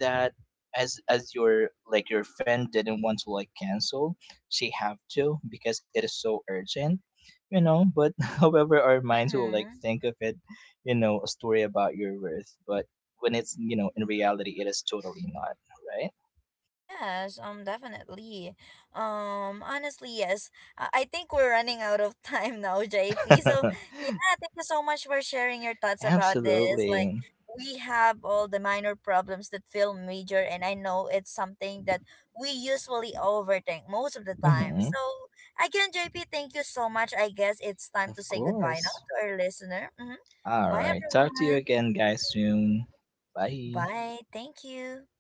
that as your like your friend didn't want to like cancel, she have to because it is so urgent, you know. But however our minds will like Mm-hmm. think of it, you know, a story about your worth. But when it's, you know, in reality it is totally not, right? Yes, definitely. Honestly, yes. I think we're running out of time now, JP. So, yeah, thank you so much for sharing your thoughts about this. Like, Absolutely. we have all the minor problems that feel major, and I know it's something that we usually overthink most of the time. Hmm. So, again, JP, thank you so much. I guess it's time Of to say goodbye now course. to our listener. Mm-hmm. All Bye, right, talk to you everyone. again guys soon. Bye. Bye. Thank you.